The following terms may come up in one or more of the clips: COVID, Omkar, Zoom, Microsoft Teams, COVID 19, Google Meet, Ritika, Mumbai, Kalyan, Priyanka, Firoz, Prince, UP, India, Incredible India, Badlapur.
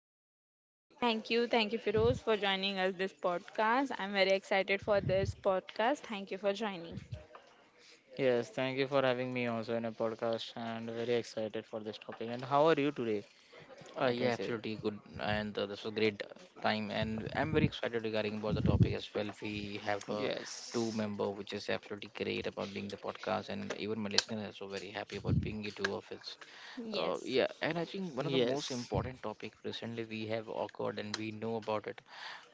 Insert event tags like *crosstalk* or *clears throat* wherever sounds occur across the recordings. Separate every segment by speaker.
Speaker 1: Priyanka.
Speaker 2: Thank you. Thank you, Firoz, for joining us this podcast. I'm very excited for this podcast. Thank you for joining.
Speaker 3: Yes, thank you for having me also in a podcast and very excited for this topic. And how are you today? I
Speaker 1: Yeah,
Speaker 3: can say.
Speaker 1: absolutely good, and this was great time, and I'm very excited regarding about the topic as well. We have a
Speaker 3: Yes,
Speaker 1: two-member, which is absolutely great about being the podcast, and even my listener is so very happy about being you two of its.
Speaker 2: Yes.
Speaker 1: Yeah, and I think one of the most
Speaker 3: yes,
Speaker 1: important topic recently we have occurred, and we know about it,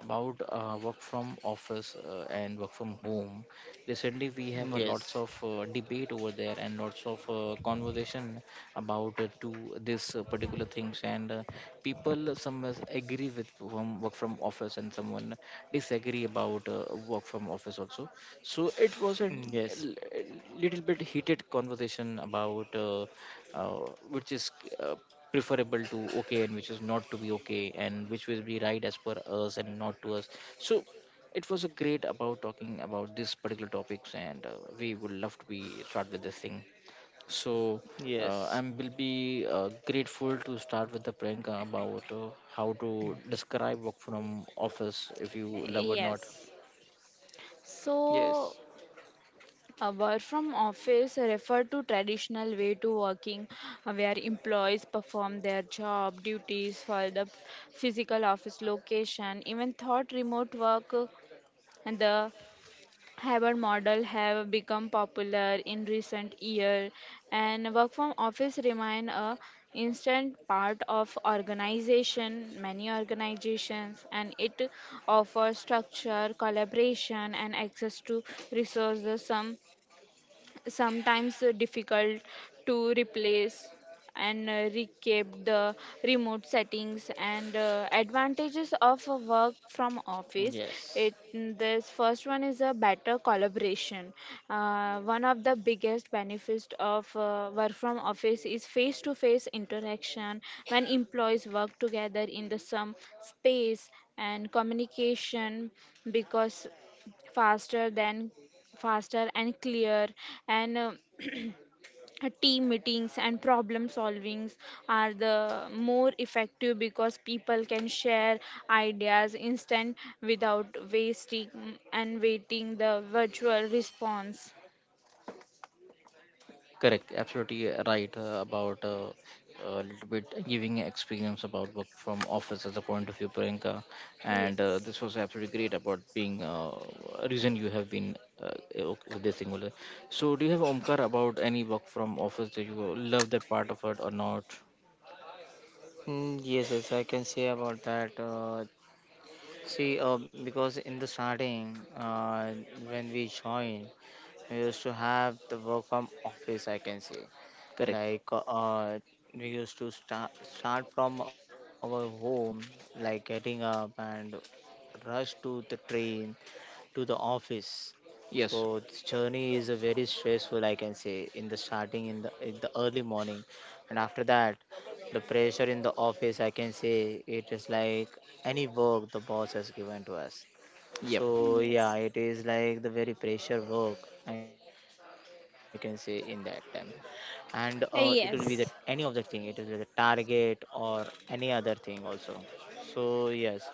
Speaker 1: about work from office and work from home. Recently, we have a lots
Speaker 3: yes,
Speaker 1: of debate over there and lots of conversation about to this particular things and people some agree with from work from office and someone disagree about work from office also, so it was a l-
Speaker 3: yes,
Speaker 1: little bit heated conversation about uh, which is uh, preferable to okay and which is not to be okay and which will be right as per us and not to us, so it was a great about talking about this particular topics and we would love to be start with this thing. So I
Speaker 3: yes,
Speaker 1: will be grateful to start with the Priyanka about how to describe work from office if you love or not.
Speaker 2: Yes.
Speaker 3: yes,
Speaker 2: So, a work from office refer to traditional way to working where employees perform their job duties for the physical office location, even thought remote work and the hybrid model have become popular in recent years, and work from office remain a instant part of organization many organizations, and it offers structure collaboration and access to resources, some sometimes difficult to replace and recap the remote settings and advantages of a work from office. It
Speaker 3: yes.
Speaker 2: this first one is a better collaboration. One of the biggest benefits of work from office is face to face interaction. When employees work together in the same space and communication because faster than faster and clear, and team meetings and problem solvings are the more effective because people can share ideas instant without wasting and waiting the virtual response.
Speaker 1: Correct, absolutely right about a little bit giving experience about work from office as a point of view, Priyanka. And
Speaker 2: Yes.
Speaker 1: this was absolutely great about being a reason you have been uh, with this singular. So do you have Omkar about any work from office that you love that part of it or not?
Speaker 3: Yes, yes, I can say about that. Because in the starting, when we joined, we used to have the work from office, I can say.
Speaker 1: Correct.
Speaker 3: Like we used to start from our home, like getting up and rush to the train to the office. So
Speaker 1: Yes.
Speaker 3: this journey is a very stressful, I can say, in the starting, in the early morning. And after that, the pressure in the office, I can say, it is like any work the boss has given to us.
Speaker 1: Yep.
Speaker 3: So yeah,
Speaker 2: Yes.
Speaker 3: it is like the very pressure work, I can say, in that time. And it will be that any of
Speaker 2: Uh,
Speaker 3: the thing, it will be
Speaker 2: yes
Speaker 3: the target or any other thing also. So yes,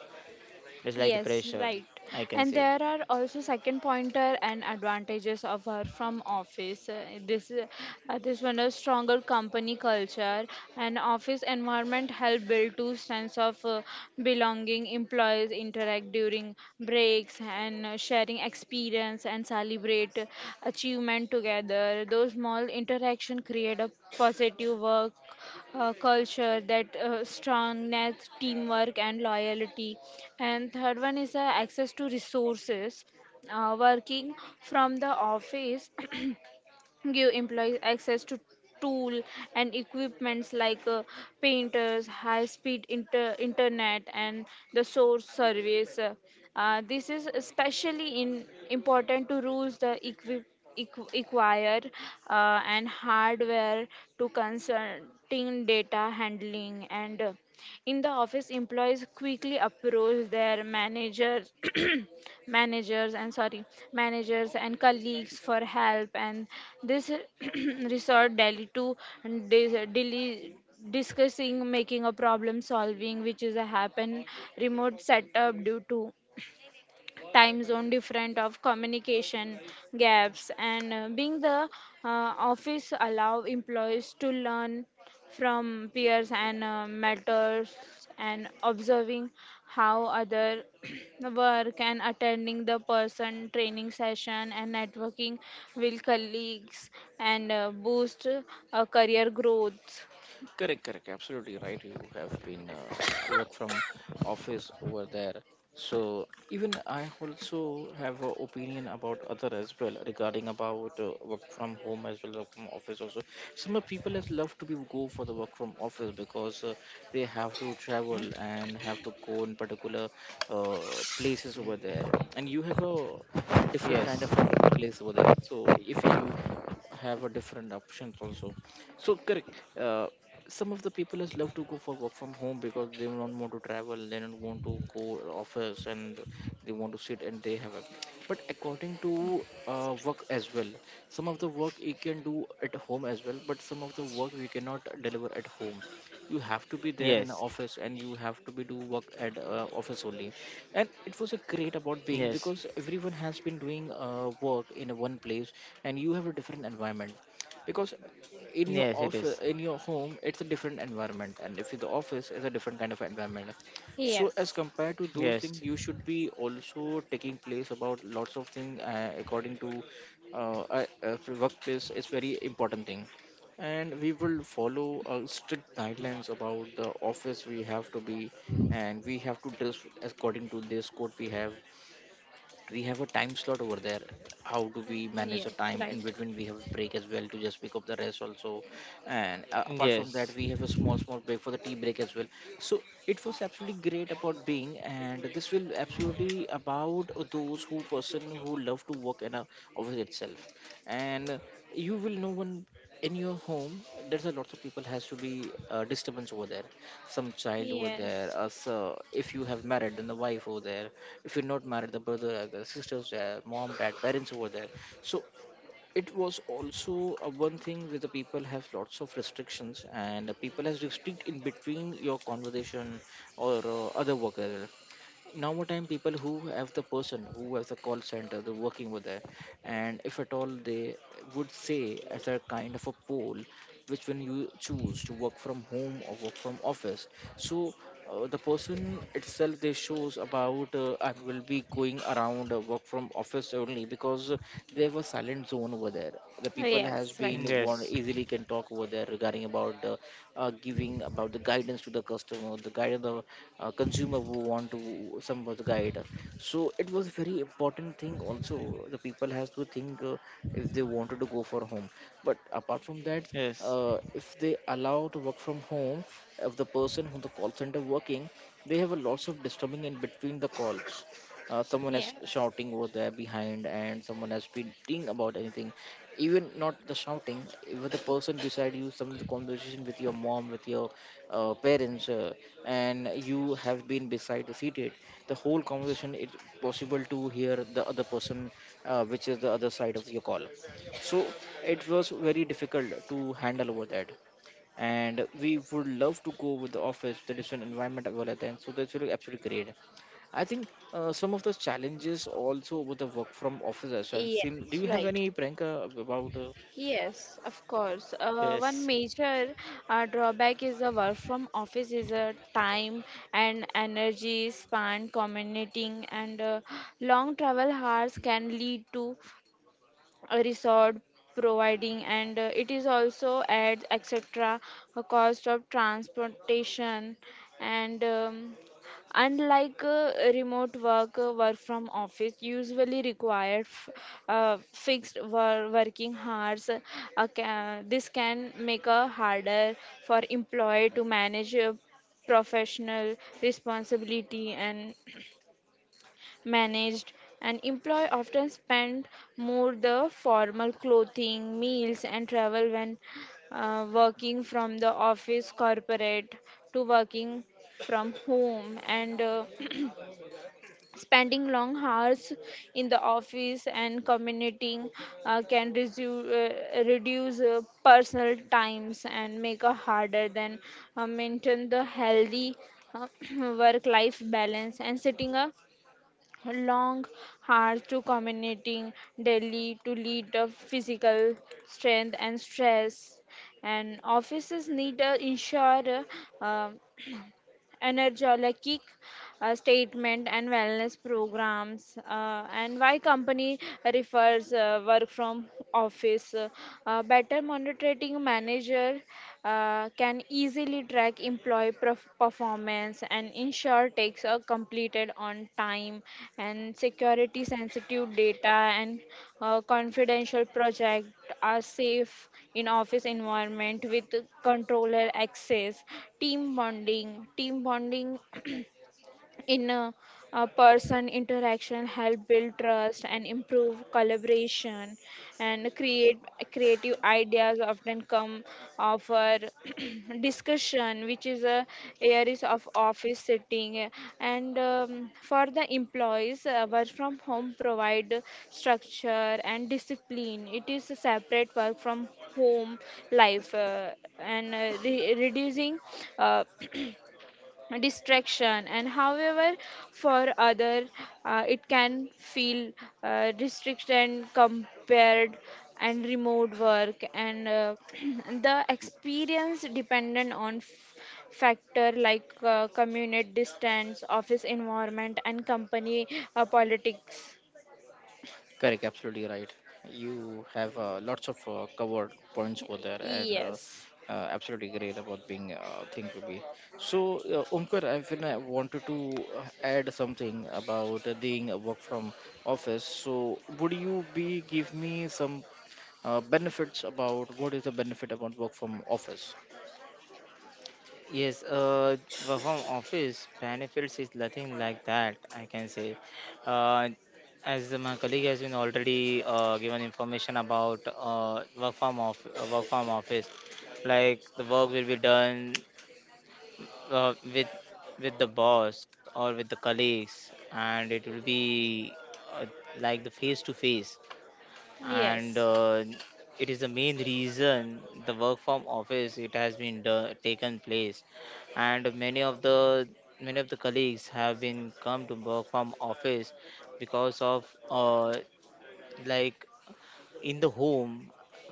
Speaker 3: it's like the pressure,
Speaker 2: Yes,
Speaker 3: I can
Speaker 2: right.
Speaker 3: say.
Speaker 2: And there are also second pointer and advantages of her from office. This this one is stronger company culture, and office environment help build to sense of belonging. Employees interact during breaks and sharing experience and celebrate achievement together. Those small interaction create a positive work culture that strongness teamwork and loyalty. And third one is access to resources. Working from the office *clears throat* give employees access to tool and equipments like painters, high speed internet, and the source service. This is especially in important to rules the acquire and hardware to consulting data handling. And in the office, employees quickly approach their managers, *coughs* *clears throat* managers and sorry, managers and colleagues for help, and this *coughs* *clears throat* resort daily to daily discussing making a problem solving which is a happen remote setup due to time zone different of communication gaps. And being the office allow employees to learn from peers and mentors and observing how other *clears throat* work and attending the person training session and networking with colleagues and boost career growth.
Speaker 1: Correct, correct. Absolutely right. You have been work from office over there. So even I also have an opinion about other as well regarding about work from home as well work from office also. Some of people has love to be go for the work from office because they have to
Speaker 3: Hmm?
Speaker 1: travel and have to go in particular uh, places over there. And you have a different
Speaker 3: Yes,
Speaker 1: kind of a workplace over there. So if you have a different options also, so correct, some of the people is love to go for work from home because they don't want to travel, they don't want to go office and they want to sit and they have it, but according to work as well, some of the work you can do at home as well, but some of the work we cannot deliver at home, you have to be there in the
Speaker 3: yes,
Speaker 1: office and you have to be do work at office only. And it was a great about being
Speaker 3: yes,
Speaker 1: because everyone has been doing work in a one place and you have a different environment, because in your
Speaker 3: yes it is.
Speaker 1: office, in your home it's a different environment and if the office is a different kind of environment. So as
Speaker 2: Yes.
Speaker 1: compared to those
Speaker 3: Yes,
Speaker 1: things you should be also taking place about lots of things according to workplace. It's very important thing, and we will follow strict guidelines about the office we have to be, and we have to dress according to this code we have. We have a time slot over there, how do we manage the
Speaker 2: Yes,
Speaker 1: time, in
Speaker 2: right.
Speaker 1: between we have a break as well to just pick up the rest also. And apart from
Speaker 3: yes,
Speaker 1: that we have a small small break for the tea break as well. So it was absolutely great about being and this will absolutely about those who person who love to work in a office itself. And you will know when in your home there's a lot of people has to be disturbance over there, some child over there.
Speaker 2: Yes.
Speaker 1: So if you have married, then the wife over there. If you're not married, the brother, the sisters, there, mom, dad, parents over there. So it was also one thing where the people have lots of restrictions and the people has restrict in between your conversation or other work. Time people who have the person who has the call center they're working with there, and if at all they would say as a kind of a poll which when you choose to work from home or work from office. So the person itself, they shows about I will be going around work from office only, because they have a silent zone over there, the people has
Speaker 2: Yes,
Speaker 1: been
Speaker 2: right.
Speaker 1: one
Speaker 3: yes,
Speaker 1: easily can talk over there there regarding about the giving about the guidance to the customer, the guidance the consumer who want to some of the guide. So it was very important thing also. The people has to think if they wanted to go for home. But apart from that,
Speaker 3: yes,
Speaker 1: if they allow to work from home, if the person who the call center working, they have a lots of disturbing in between the calls, someone is
Speaker 2: Yes.
Speaker 1: shouting over there behind and someone has been thinking about anything, even not the shouting, with the person beside you, some of the conversation with your mom with your parents, and you have been beside the seated, the whole conversation, it's possible to hear the other person, which is the other side of your call. So it was very difficult to handle over that, and we would love to go with the office, the different environment as well at then, so that's really absolutely great, I think. Some of the challenges also with the work from office as well, seem, do
Speaker 2: Yes,
Speaker 1: you have
Speaker 2: right.
Speaker 1: any prank about
Speaker 2: Yes, of course. One
Speaker 3: yes.
Speaker 2: major drawback is the work from office is a time and energy span, commuting, and long travel hours can lead to a resort providing, and it is also adds etc a cost of transportation. And unlike remote work, work from office usually require fixed working hours. This can make a harder for employee to manage professional responsibility and managed. An employee often spend more the formal clothing meals and travel when working from the office corporate to working from home. And *clears throat* spending long hours in the office and commuting reduce personal times and make it harder than maintain the healthy uh, *clears throat* work life balance, and setting a long hours to commuting daily to lead the physical strength and stress. And offices need to ensure uh, energy like, kick statement and wellness programs. And why company refers work from office, better monitoring manager can easily track employee performance and ensure takes are completed on time. And security sensitive data and confidential project are safe in office environment with controller access. Team bonding, team bonding in a person interaction help build trust and improve collaboration and create creative ideas often come of our *clears throat* discussion which is a areas of office setting. And for the employees, work from home provide structure and discipline. It is a separate work from home life. And reducing uh, *clears throat* distraction. And however for other, it can feel restriction compared and remote work. And *clears throat* the experience dependent on factor like community distance office environment and company politics.
Speaker 1: Correct, absolutely right. You have lots of covered points over there, and
Speaker 2: Yes.
Speaker 1: absolutely great about being thing to be. So, Omkar, I feel I wanted to add something about doing a work from office. So, would you be give me some benefits about what is the benefit about work from office?
Speaker 3: Yes, work from office benefits is nothing like that. I can say, uh, as my colleague has been already given information about work from office, like the work will be done uh, with with the boss or with the colleagues, and it will be uh, like the face to face. And
Speaker 2: Yes.
Speaker 3: it is the main reason the work from office it has been taken place, and many of the colleagues have been come to work from office, because of like in the home,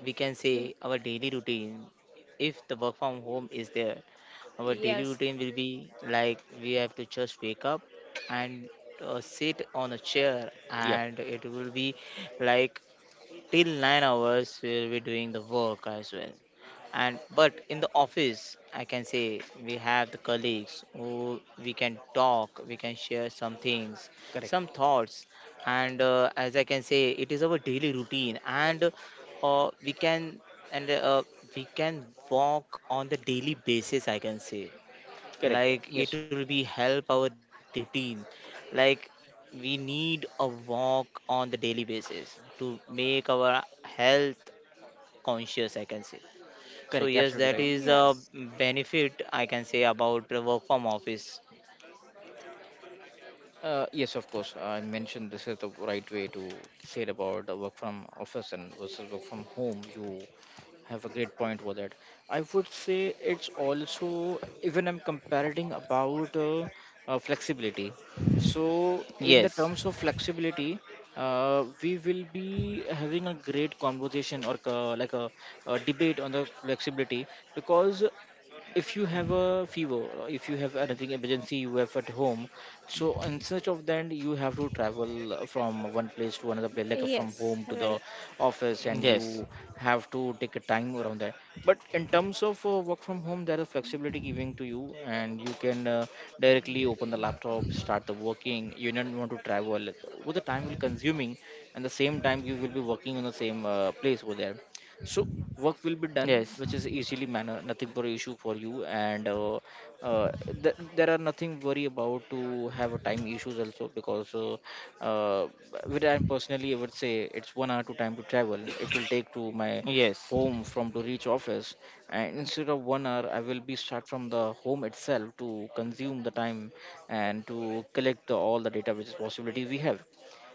Speaker 3: we can say, our daily routine. If the work from home is there, our daily
Speaker 2: Yes.
Speaker 3: routine will be like we have to just wake up and sit on a chair,
Speaker 1: Yep,
Speaker 3: and it will be like till 9 hours we'll be doing the work as well. And but in the office, I can say, we have the colleagues who we can talk, we can share some things,
Speaker 1: correct,
Speaker 3: some thoughts. And as I can say, it is our daily routine. And uh, we can and uh, we can walk on the daily basis, I can say.
Speaker 1: correct.
Speaker 3: Like
Speaker 1: Yes,
Speaker 3: it will be help our daily routine, like we need a walk on the daily basis to make our health conscious, I can say. So
Speaker 1: correct,
Speaker 3: yes,
Speaker 1: absolutely
Speaker 3: that
Speaker 1: right.
Speaker 3: is a
Speaker 2: Yes.
Speaker 3: benefit, I can say, about the work from office.
Speaker 1: Yes, of course. I mentioned this is the right way to say it about the work from office and versus work from home. You have a great point with that. I would say it's also, even I'm comparing about flexibility. So in the
Speaker 3: Yes,
Speaker 1: terms of flexibility, we will be having a great conversation or like a debate on the flexibility, because if you have a fever, or if you have anything emergency you have at home, so in search of that you have to travel from one place to another place, like from
Speaker 2: Yes,
Speaker 1: home to the
Speaker 2: right.
Speaker 1: office, and
Speaker 3: yes,
Speaker 1: you have to take a time around that. But in terms of work from home there is flexibility giving to you, and you can directly open the laptop, start the working, you don't want to travel with the time will consuming, and the same time you will be working on the same place over there. So work will be done,
Speaker 3: yes,
Speaker 1: which is easily manner, nothing for issue for you, and uh, there are nothing worry about to have a time issues also, because uh, with and personally I would say it's 1 hour to time to travel it will take to my
Speaker 3: yes,
Speaker 1: home from to reach office, and instead of 1 hour I will be start from the home itself to consume the time, and to collect the, all the data which is possibility we have.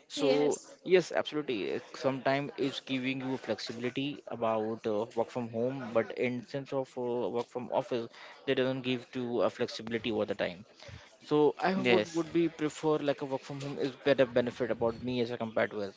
Speaker 1: So
Speaker 2: Yes.
Speaker 1: yes, absolutely. Sometimes it's giving you flexibility about work from home, but in sense of work from office, they doesn't give to a flexibility over the time. So I would
Speaker 3: yes,
Speaker 1: be prefer like a work from home is better benefit about me as I compared to us.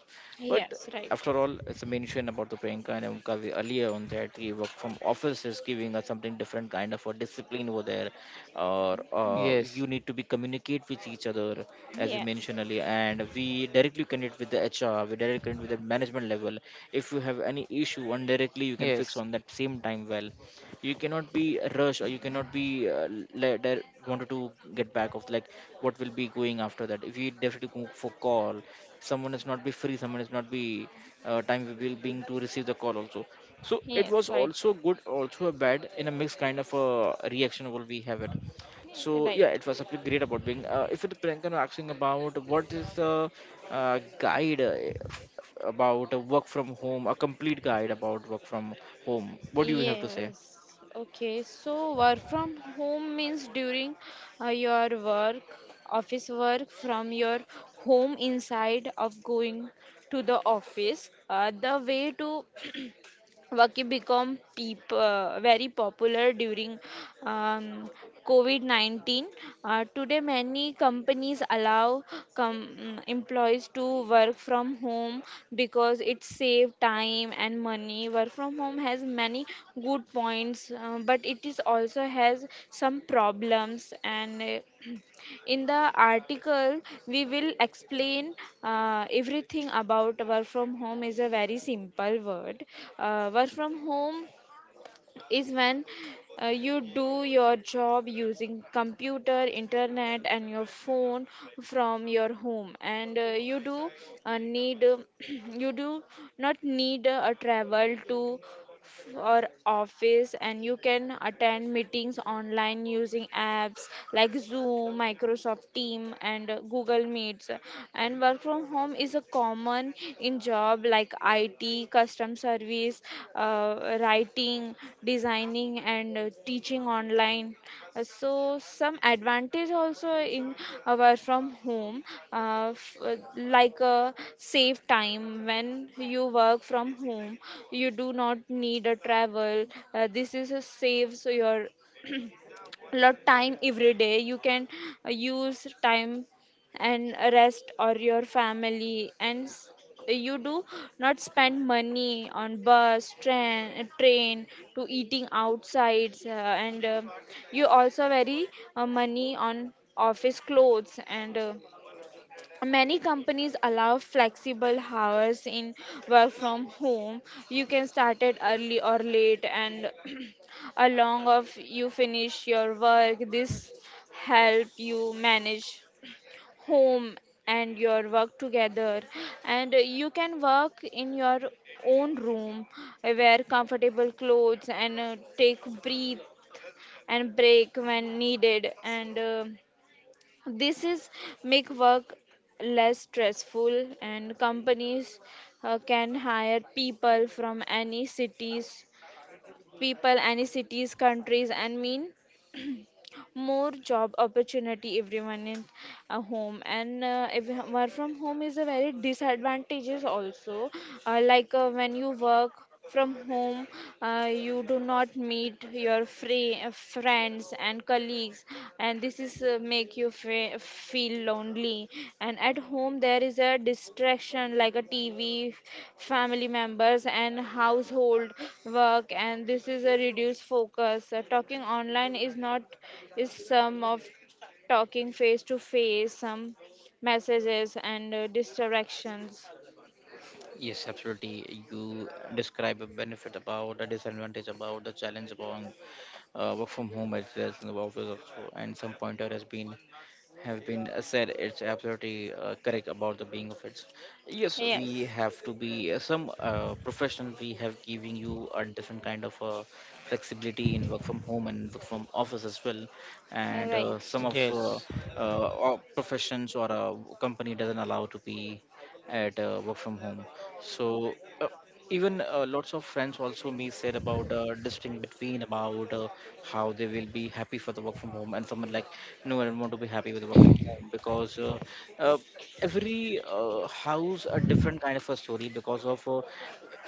Speaker 1: But
Speaker 2: Yes, right.
Speaker 1: after all, it's a mention about the Priyanka and Omkar we earlier on that the work from office is giving us something different kind of a discipline over there, or you
Speaker 3: yes,
Speaker 1: need to be communicate with each other. As you
Speaker 2: Yes.
Speaker 1: mentioned earlier, and we directly connect with the HR, we directly connect with the management level. If you have any issue, and directly you can
Speaker 3: yes,
Speaker 1: fix on that same time. Well, you cannot be rushed or you cannot be le- de- wanted to get back of like what will be going after that if you definitely go for call. Someone is not be free, someone is not be time we will being to receive the call also. So it
Speaker 2: Yes,
Speaker 1: was
Speaker 2: right,
Speaker 1: also good also a bad in a mixed kind of a reaction what we have it. So
Speaker 2: right.
Speaker 1: yeah, it was something great about being if it Priyanka, asking about what is the guide about a work from home, a complete guide about work from home. What do you have to say?
Speaker 2: Yes. Okay. So work from home means during your work, office work from your home inside of going to the office. The way to Vaki become very popular during um, COVID 19. Today, many companies allow employees to work from home because it saves time and money. Work from home has many good points, but it is also has some problems. And in the article, we will explain everything about work from home is a very simple word. Work from home is when you do your job using computer, internet, and your phone from your home. And you do need *clears throat* you do not need a travel to or office, and you can attend meetings online using apps like Zoom, Microsoft Team, and Google Meets. And work from home is a common in job like IT, custom service, writing, designing, and teaching online. So some advantage also in our from home, uh, f- uh, like save time. When you work from home, you do not need a travel. This is a saves your lot time. Every day you can use time and rest or your family. And you do not spend money on bus, train to eating outside. And You also very money on office clothes. And many companies allow flexible hours in work from home. You can start it early or late, and *clears throat* along of you finish your work. This help you manage home and your work together. And you can work in your own room, wear comfortable clothes, and take breathe and break when needed. And this is make work less stressful, and companies can hire people from any cities, people any cities, countries and mean more job opportunity everyone in a home. And if work from home is a very disadvantages also, like when you work from home, you do not meet your free friends and colleagues, and this is make you feel lonely. And at home there is a distraction like a TV, family members, and household work, and this is a reduced focus. Talking online is not is some of talking face to face some messages and distractions.
Speaker 1: Yes, absolutely. You describe a benefit about a disadvantage about the challenge about work from home as well as in the office also, and some pointer has been have been said it's absolutely correct about the being of it. Yes, we
Speaker 2: Yes.
Speaker 1: have to be some professional. We have giving you a different kind of flexibility in work from home and work from office as well. And
Speaker 2: Right.
Speaker 1: some of
Speaker 3: yes,
Speaker 1: or professions or a company doesn't allow to be at work from home. So uh, even lots of friends also me said about distinct between about how they will be happy for the work from home and someone like no, I don't want to be happy with the work from home because uh, every house a different kind of a story because of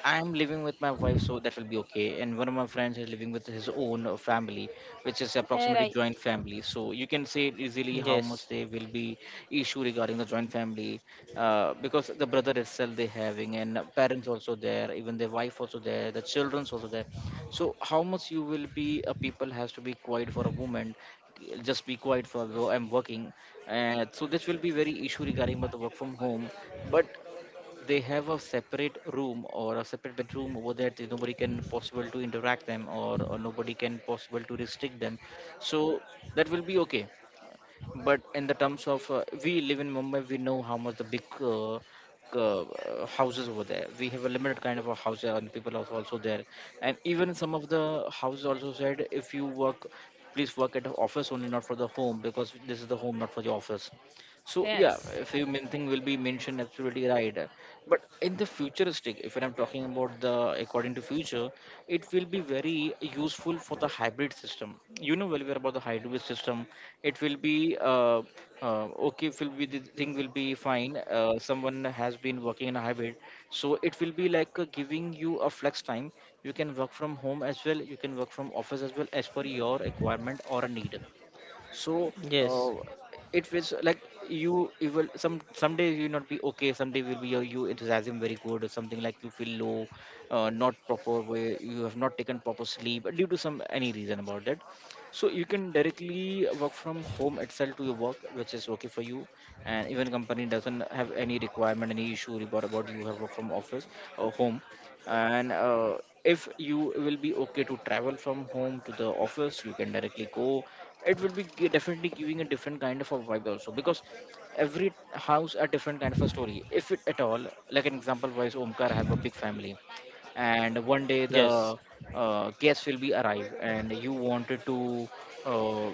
Speaker 1: I'm living with my wife, so that will be okay. And one of my friends is living with his own family, which is approximately
Speaker 2: Right.
Speaker 1: joint family. So you can say easily how much there
Speaker 3: yes,
Speaker 1: will be issue regarding the joint family, because the brother itself they having and parents also there, even the wife also there, the childrens also there. So how much you will be a people has to be quiet for a moment, just be quiet for though I'm working. So this will be very issue regarding about the work from home. But they have a separate room or a separate bedroom over there that is nobody can possible to interact them or nobody can possible to restrict them. So that will be okay. But in the terms of we live in Mumbai, we know how much the big houses over there. We have a limited kind of a house and people are also there. And even some of the houses also said if you work, please work at the office only, not for the home, because this is the home, not for the office. So yeah,
Speaker 2: Yes.
Speaker 1: if you main thing will be mentioned, absolutely right. But in the futuristic, if I'm talking about the according to future, it will be very useful for the hybrid system. You know well aware about the hybrid system. It will be uh, okay. It will be the thing will be fine. Someone has been working in a hybrid, so it will be like giving you a flex time. You can work from home as well. You can work from office as well as per your requirement or a need. So uh,
Speaker 3: yes,
Speaker 1: it was like you will some days you not be okay, some day will be your you enthusiasm very good or something like you feel low. Not proper way you have not taken proper sleep due to some any reason about that. So you can directly work from home itself to your work which is okay for you. And even company doesn't have any requirement any issue about you have work from office or home. And if you will be okay to travel from home to the office, you can directly go. It will be definitely giving a different kind of a vibe also, because every house a different kind of a story if it at all. Like an example wise, Omkar have a big family. And one day
Speaker 3: yes,
Speaker 1: the guests will be arrive and you wanted to uh,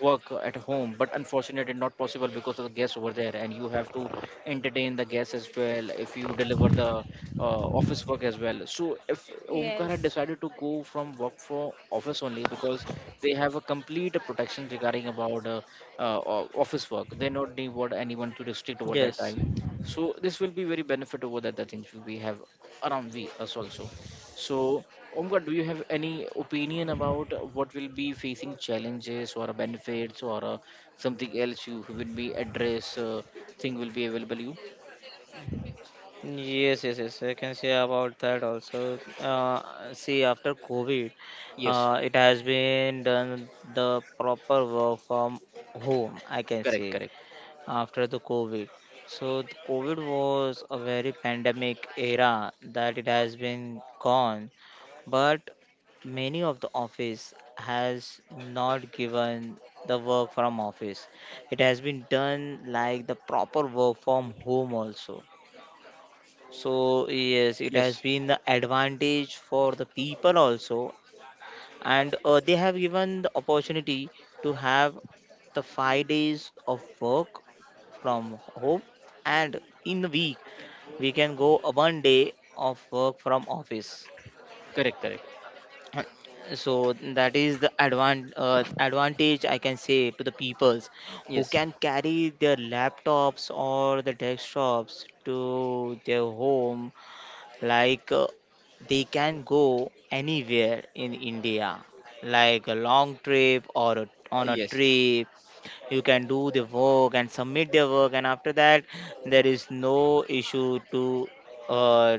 Speaker 1: work at home, but unfortunately not possible because of the guests over there, and you have to entertain the guests as well if you deliver the office work as well. So if Omkar had
Speaker 2: Yes.
Speaker 1: decided to go from work for office only because they have a complete protection regarding about office work, they not need what anyone to restrict over
Speaker 3: yes.
Speaker 1: that time. So this will be very benefit over the other things we have around we us also. So Omkar, do you have any opinion about what will be facing challenges or benefits or something else you will be address thing will be available you.
Speaker 3: Yes, yes, yes. I can say about that also. See, after COVID,
Speaker 1: Yes,
Speaker 3: it has been done the proper work from home, I can
Speaker 1: correct,
Speaker 3: say,
Speaker 1: correct.
Speaker 3: after the COVID. So the COVID was a very pandemic era that it has been gone, but many of the office has not given the work from office. It has been done like the proper work from home also. So yes, it has
Speaker 1: Yes,
Speaker 3: been the advantage for the people also, and they have given the opportunity to have the 5 days of work from home, and in the week we can go a 1 day of work from office.
Speaker 1: correct, correct.
Speaker 3: Right. So that is the advantage, I can say, to the peoples who
Speaker 1: Yes.
Speaker 3: can carry their laptops or the desktops to their home, like uh, they can go anywhere in india, like a long trip or, a on a
Speaker 1: Yes, yes.
Speaker 3: trip, you can do the work and submit their work. And after that there is no issue to uh,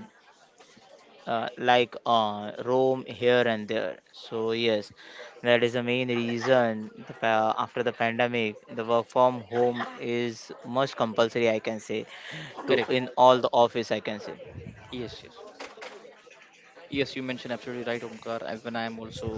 Speaker 3: roam here and there. So yes, that is the main reason the, after the pandemic, the work from home is much compulsory, I can say, to
Speaker 1: Correct.
Speaker 3: in all the office, I can say.
Speaker 1: Yes, yes. Yes, you mentioned absolutely right, Omkar. When I am also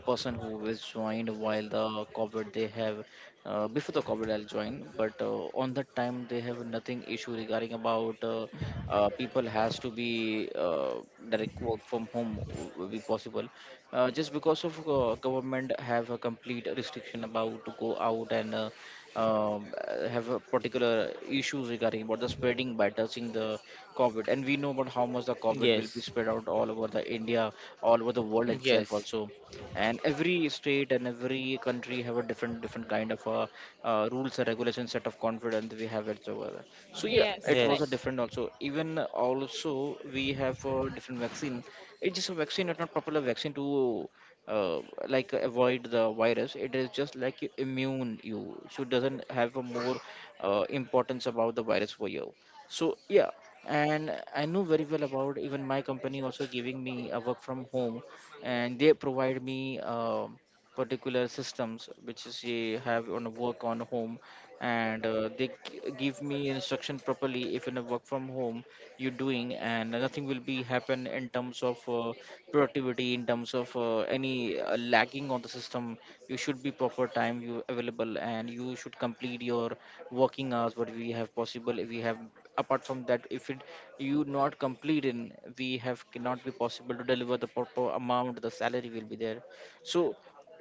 Speaker 1: a person who was joined while the COVID, they have before the COVID I'll join, but on that time they have nothing issue regarding about people has to be direct work from home will be possible. Just because of government have a complete restriction about to go out and have a particular issues regarding about the spreading by touching the COVID, and we know about how much the COVID will be
Speaker 3: Yes,
Speaker 1: spread out all over the India, all over the world itself
Speaker 3: yes.
Speaker 1: also, and every state and every country have a different different kind of rules and regulations set of confidence we have it over there. So yeah,
Speaker 2: Yes,
Speaker 1: it was
Speaker 2: right.
Speaker 1: a
Speaker 3: Yes,
Speaker 1: different also. Even also we have a different vaccine. It's just a vaccine, it's not popular vaccine to uh, like avoid the virus. It is just like you immune you, so it doesn't have a more importance about the virus for you. So yeah, and I know very well about even my company also giving me a work from home. And they provide me particular systems which is you have on a work on home. And they give me instruction properly if in a work from home you're doing, and nothing will be happen in terms of productivity in terms of any lagging on the system. You should be proper time you available and you should complete your working hours what we have possible if we have. Apart from that, if it you not complete in we have cannot be possible to deliver the proper amount the salary will be there. So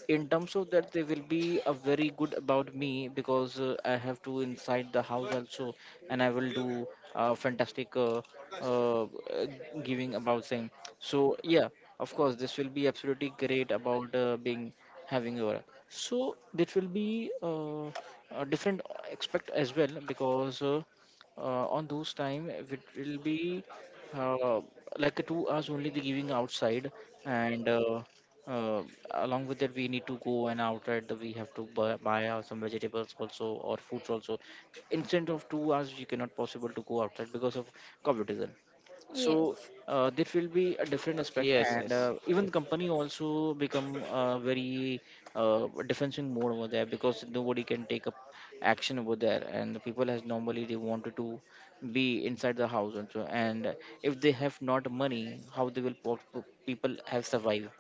Speaker 1: in terms of that, they will be a very good about me because I have to inside the house also, and I will do fantastic uh, uh, giving about thing. So yeah, of course this will be absolutely great about being having aura. So that will be a different expect as well because on those time it will be uh, like a 2 hours only the giving outside. And uh, along with that, we need to go and outright that we have to buy some vegetables also or fruits also. Instead of 2 hours, you cannot possible to go outside because of competition.
Speaker 2: Yes.
Speaker 1: So there will be a different aspect.
Speaker 3: yes,
Speaker 1: And
Speaker 3: yes,
Speaker 1: even company also become very defensive mode over there, because nobody can take up action over there, and the people has normally they wanted to be inside the house also. And if they have not money, how they will people have survive?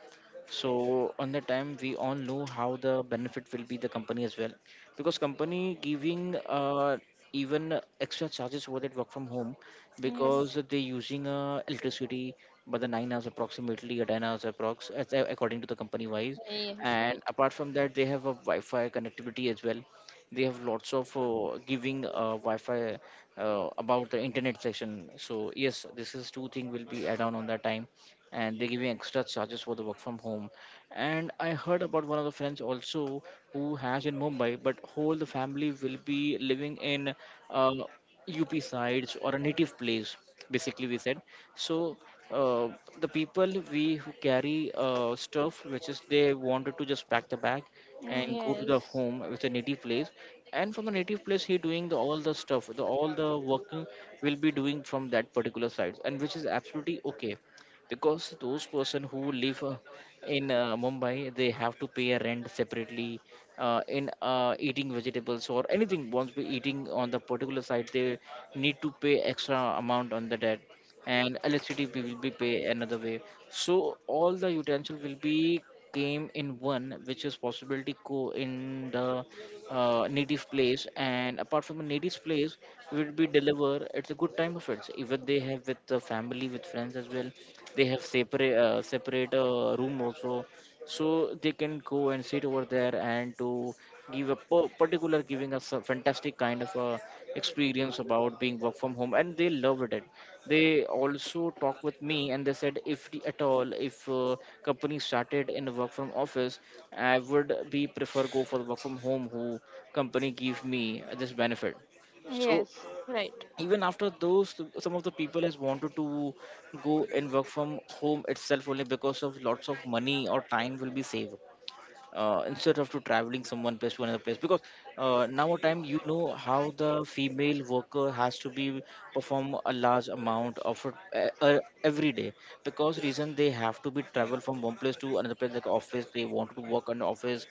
Speaker 1: So on the time we all know how the benefit will be the company as well, because company giving even extra charges for that work from home, because
Speaker 2: Yes.
Speaker 1: they using electricity by the 9 hours approximately or 10 hours approx according to the company wise.
Speaker 2: Yes.
Speaker 1: And
Speaker 2: Right.
Speaker 1: apart from that, they have a wi-fi connectivity as well. They have lots of giving wi-fi about the internet section. So yes, this is two thing will be add on that time. And they're giving extra charges for the work from home. And I heard about one of the friends also who has in Mumbai, but whole the family will be living in uh, UP sides or a native place, basically we said. So uh, the people we who carry stuff, which is they wanted to just pack the bag and go to the
Speaker 2: Yes,
Speaker 1: home with a native place. And from the native place he doing the, all the stuff the all the working will be doing from that particular site, and which is absolutely okay. Because those person who live in Mumbai, they have to pay a rent separately. In eating vegetables or anything once we eating on the particular site, they need to pay extra amount on the debt. And electricity bill will be pay another way. So all the utensil will be came in one which is possibility go in the native place. And apart from the native place will be deliver, it's a good time of it. Even they have with the family with friends as well. They have separate separate room also. So they can go and sit over there and to give a particular giving us a fantastic kind of experience about being work from home, and they loved it. They also talked with me, and they said if at all if company started in the work from office, I would be prefer go for the work from home who company give me this benefit. So
Speaker 2: yes, right.
Speaker 1: even after those some of the people has wanted to go and work from home itself only because of lots of money or time will be saved instead of to traveling from one place to another place. Because now a time you know how the female worker has to be perform a large amount of every day, because reason they have to be travel from one place to another place, like office they want to work on office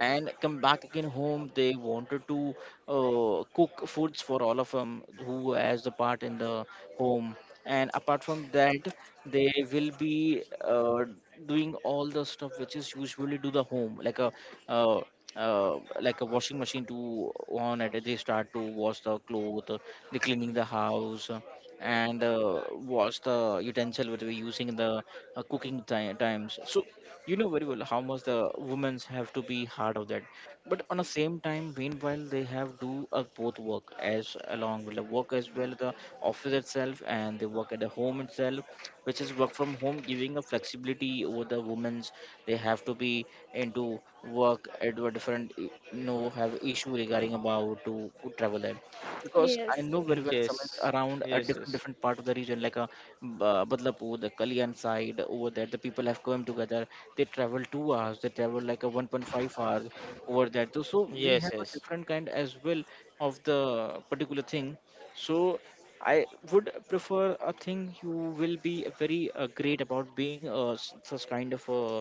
Speaker 1: and come back again home. They wanted to cook foods for all of them who has the part in the home. And apart from that, they will be doing all the stuff which is usually do the home uh, uh, like a washing machine to on it they start to wash the clothes. They cleaning the house and wash the utensil which we're using in the cooking times. So you know very well how much the women's have to be hard of that. But on the same time meanwhile, they have do both work as along with the work as well, the office itself, and they work at the home itself, which is work from home giving a flexibility over the women's. They have to be into work at a different, you know, have issue regarding about to travel there. Because I
Speaker 2: Yes.
Speaker 1: know very well summits
Speaker 3: yes,
Speaker 1: around a
Speaker 3: yes,
Speaker 1: different
Speaker 3: yes,
Speaker 1: different part of the region, like a Badlapur, the Kalyan side over there. The people have come together. They travel 2 hours. They travel like a 1.5 hours over there. Too. So we have
Speaker 3: yes,
Speaker 1: a different kind as well of the particular thing. So I would prefer a thing you will be very great about being such kind of uh,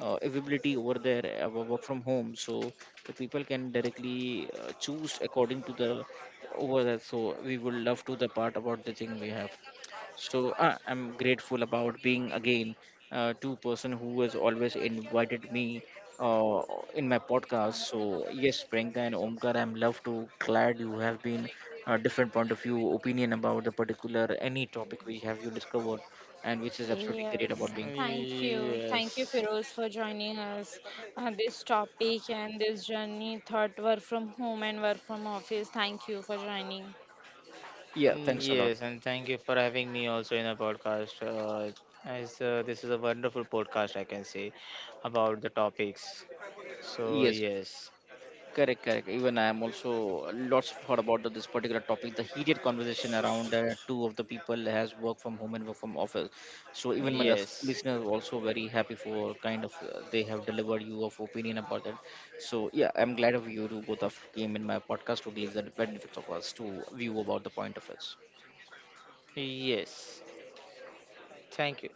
Speaker 1: uh, availability over there, work from home. So the people can directly choose according to the over there. So we would love to the part about the thing we have. So I'm grateful about being again two-person who has always invited me uh, in my podcast. So yes, Priyanka and Omkar, I'm love to glad you have been a different point of view, opinion about the particular any topic we have you discovered, and which is absolutely great
Speaker 2: Yes,
Speaker 1: about being.
Speaker 2: thank you. Thank you,
Speaker 3: yes, yes,
Speaker 2: Feroz, for joining us on this topic and this journey, thought work from home and work from office. Thank you for joining.
Speaker 1: Yeah, thanks a lot.
Speaker 3: yes, and thank you for having me also in a podcast. As this is a wonderful podcast, I can say, about the topics. So
Speaker 1: Yes,
Speaker 3: yes,
Speaker 1: correct, correct. Even I am also lots of thought about this particular topic. The heated conversation around two of the people has work from home and work from office. So even my
Speaker 2: Yes.
Speaker 3: yes,
Speaker 1: listeners also very happy for kind of they have delivered you of opinion about that. So yeah, I'm glad of you to both of came in my podcast to give the benefits of us to view about the point of us.
Speaker 3: yes. Thank you.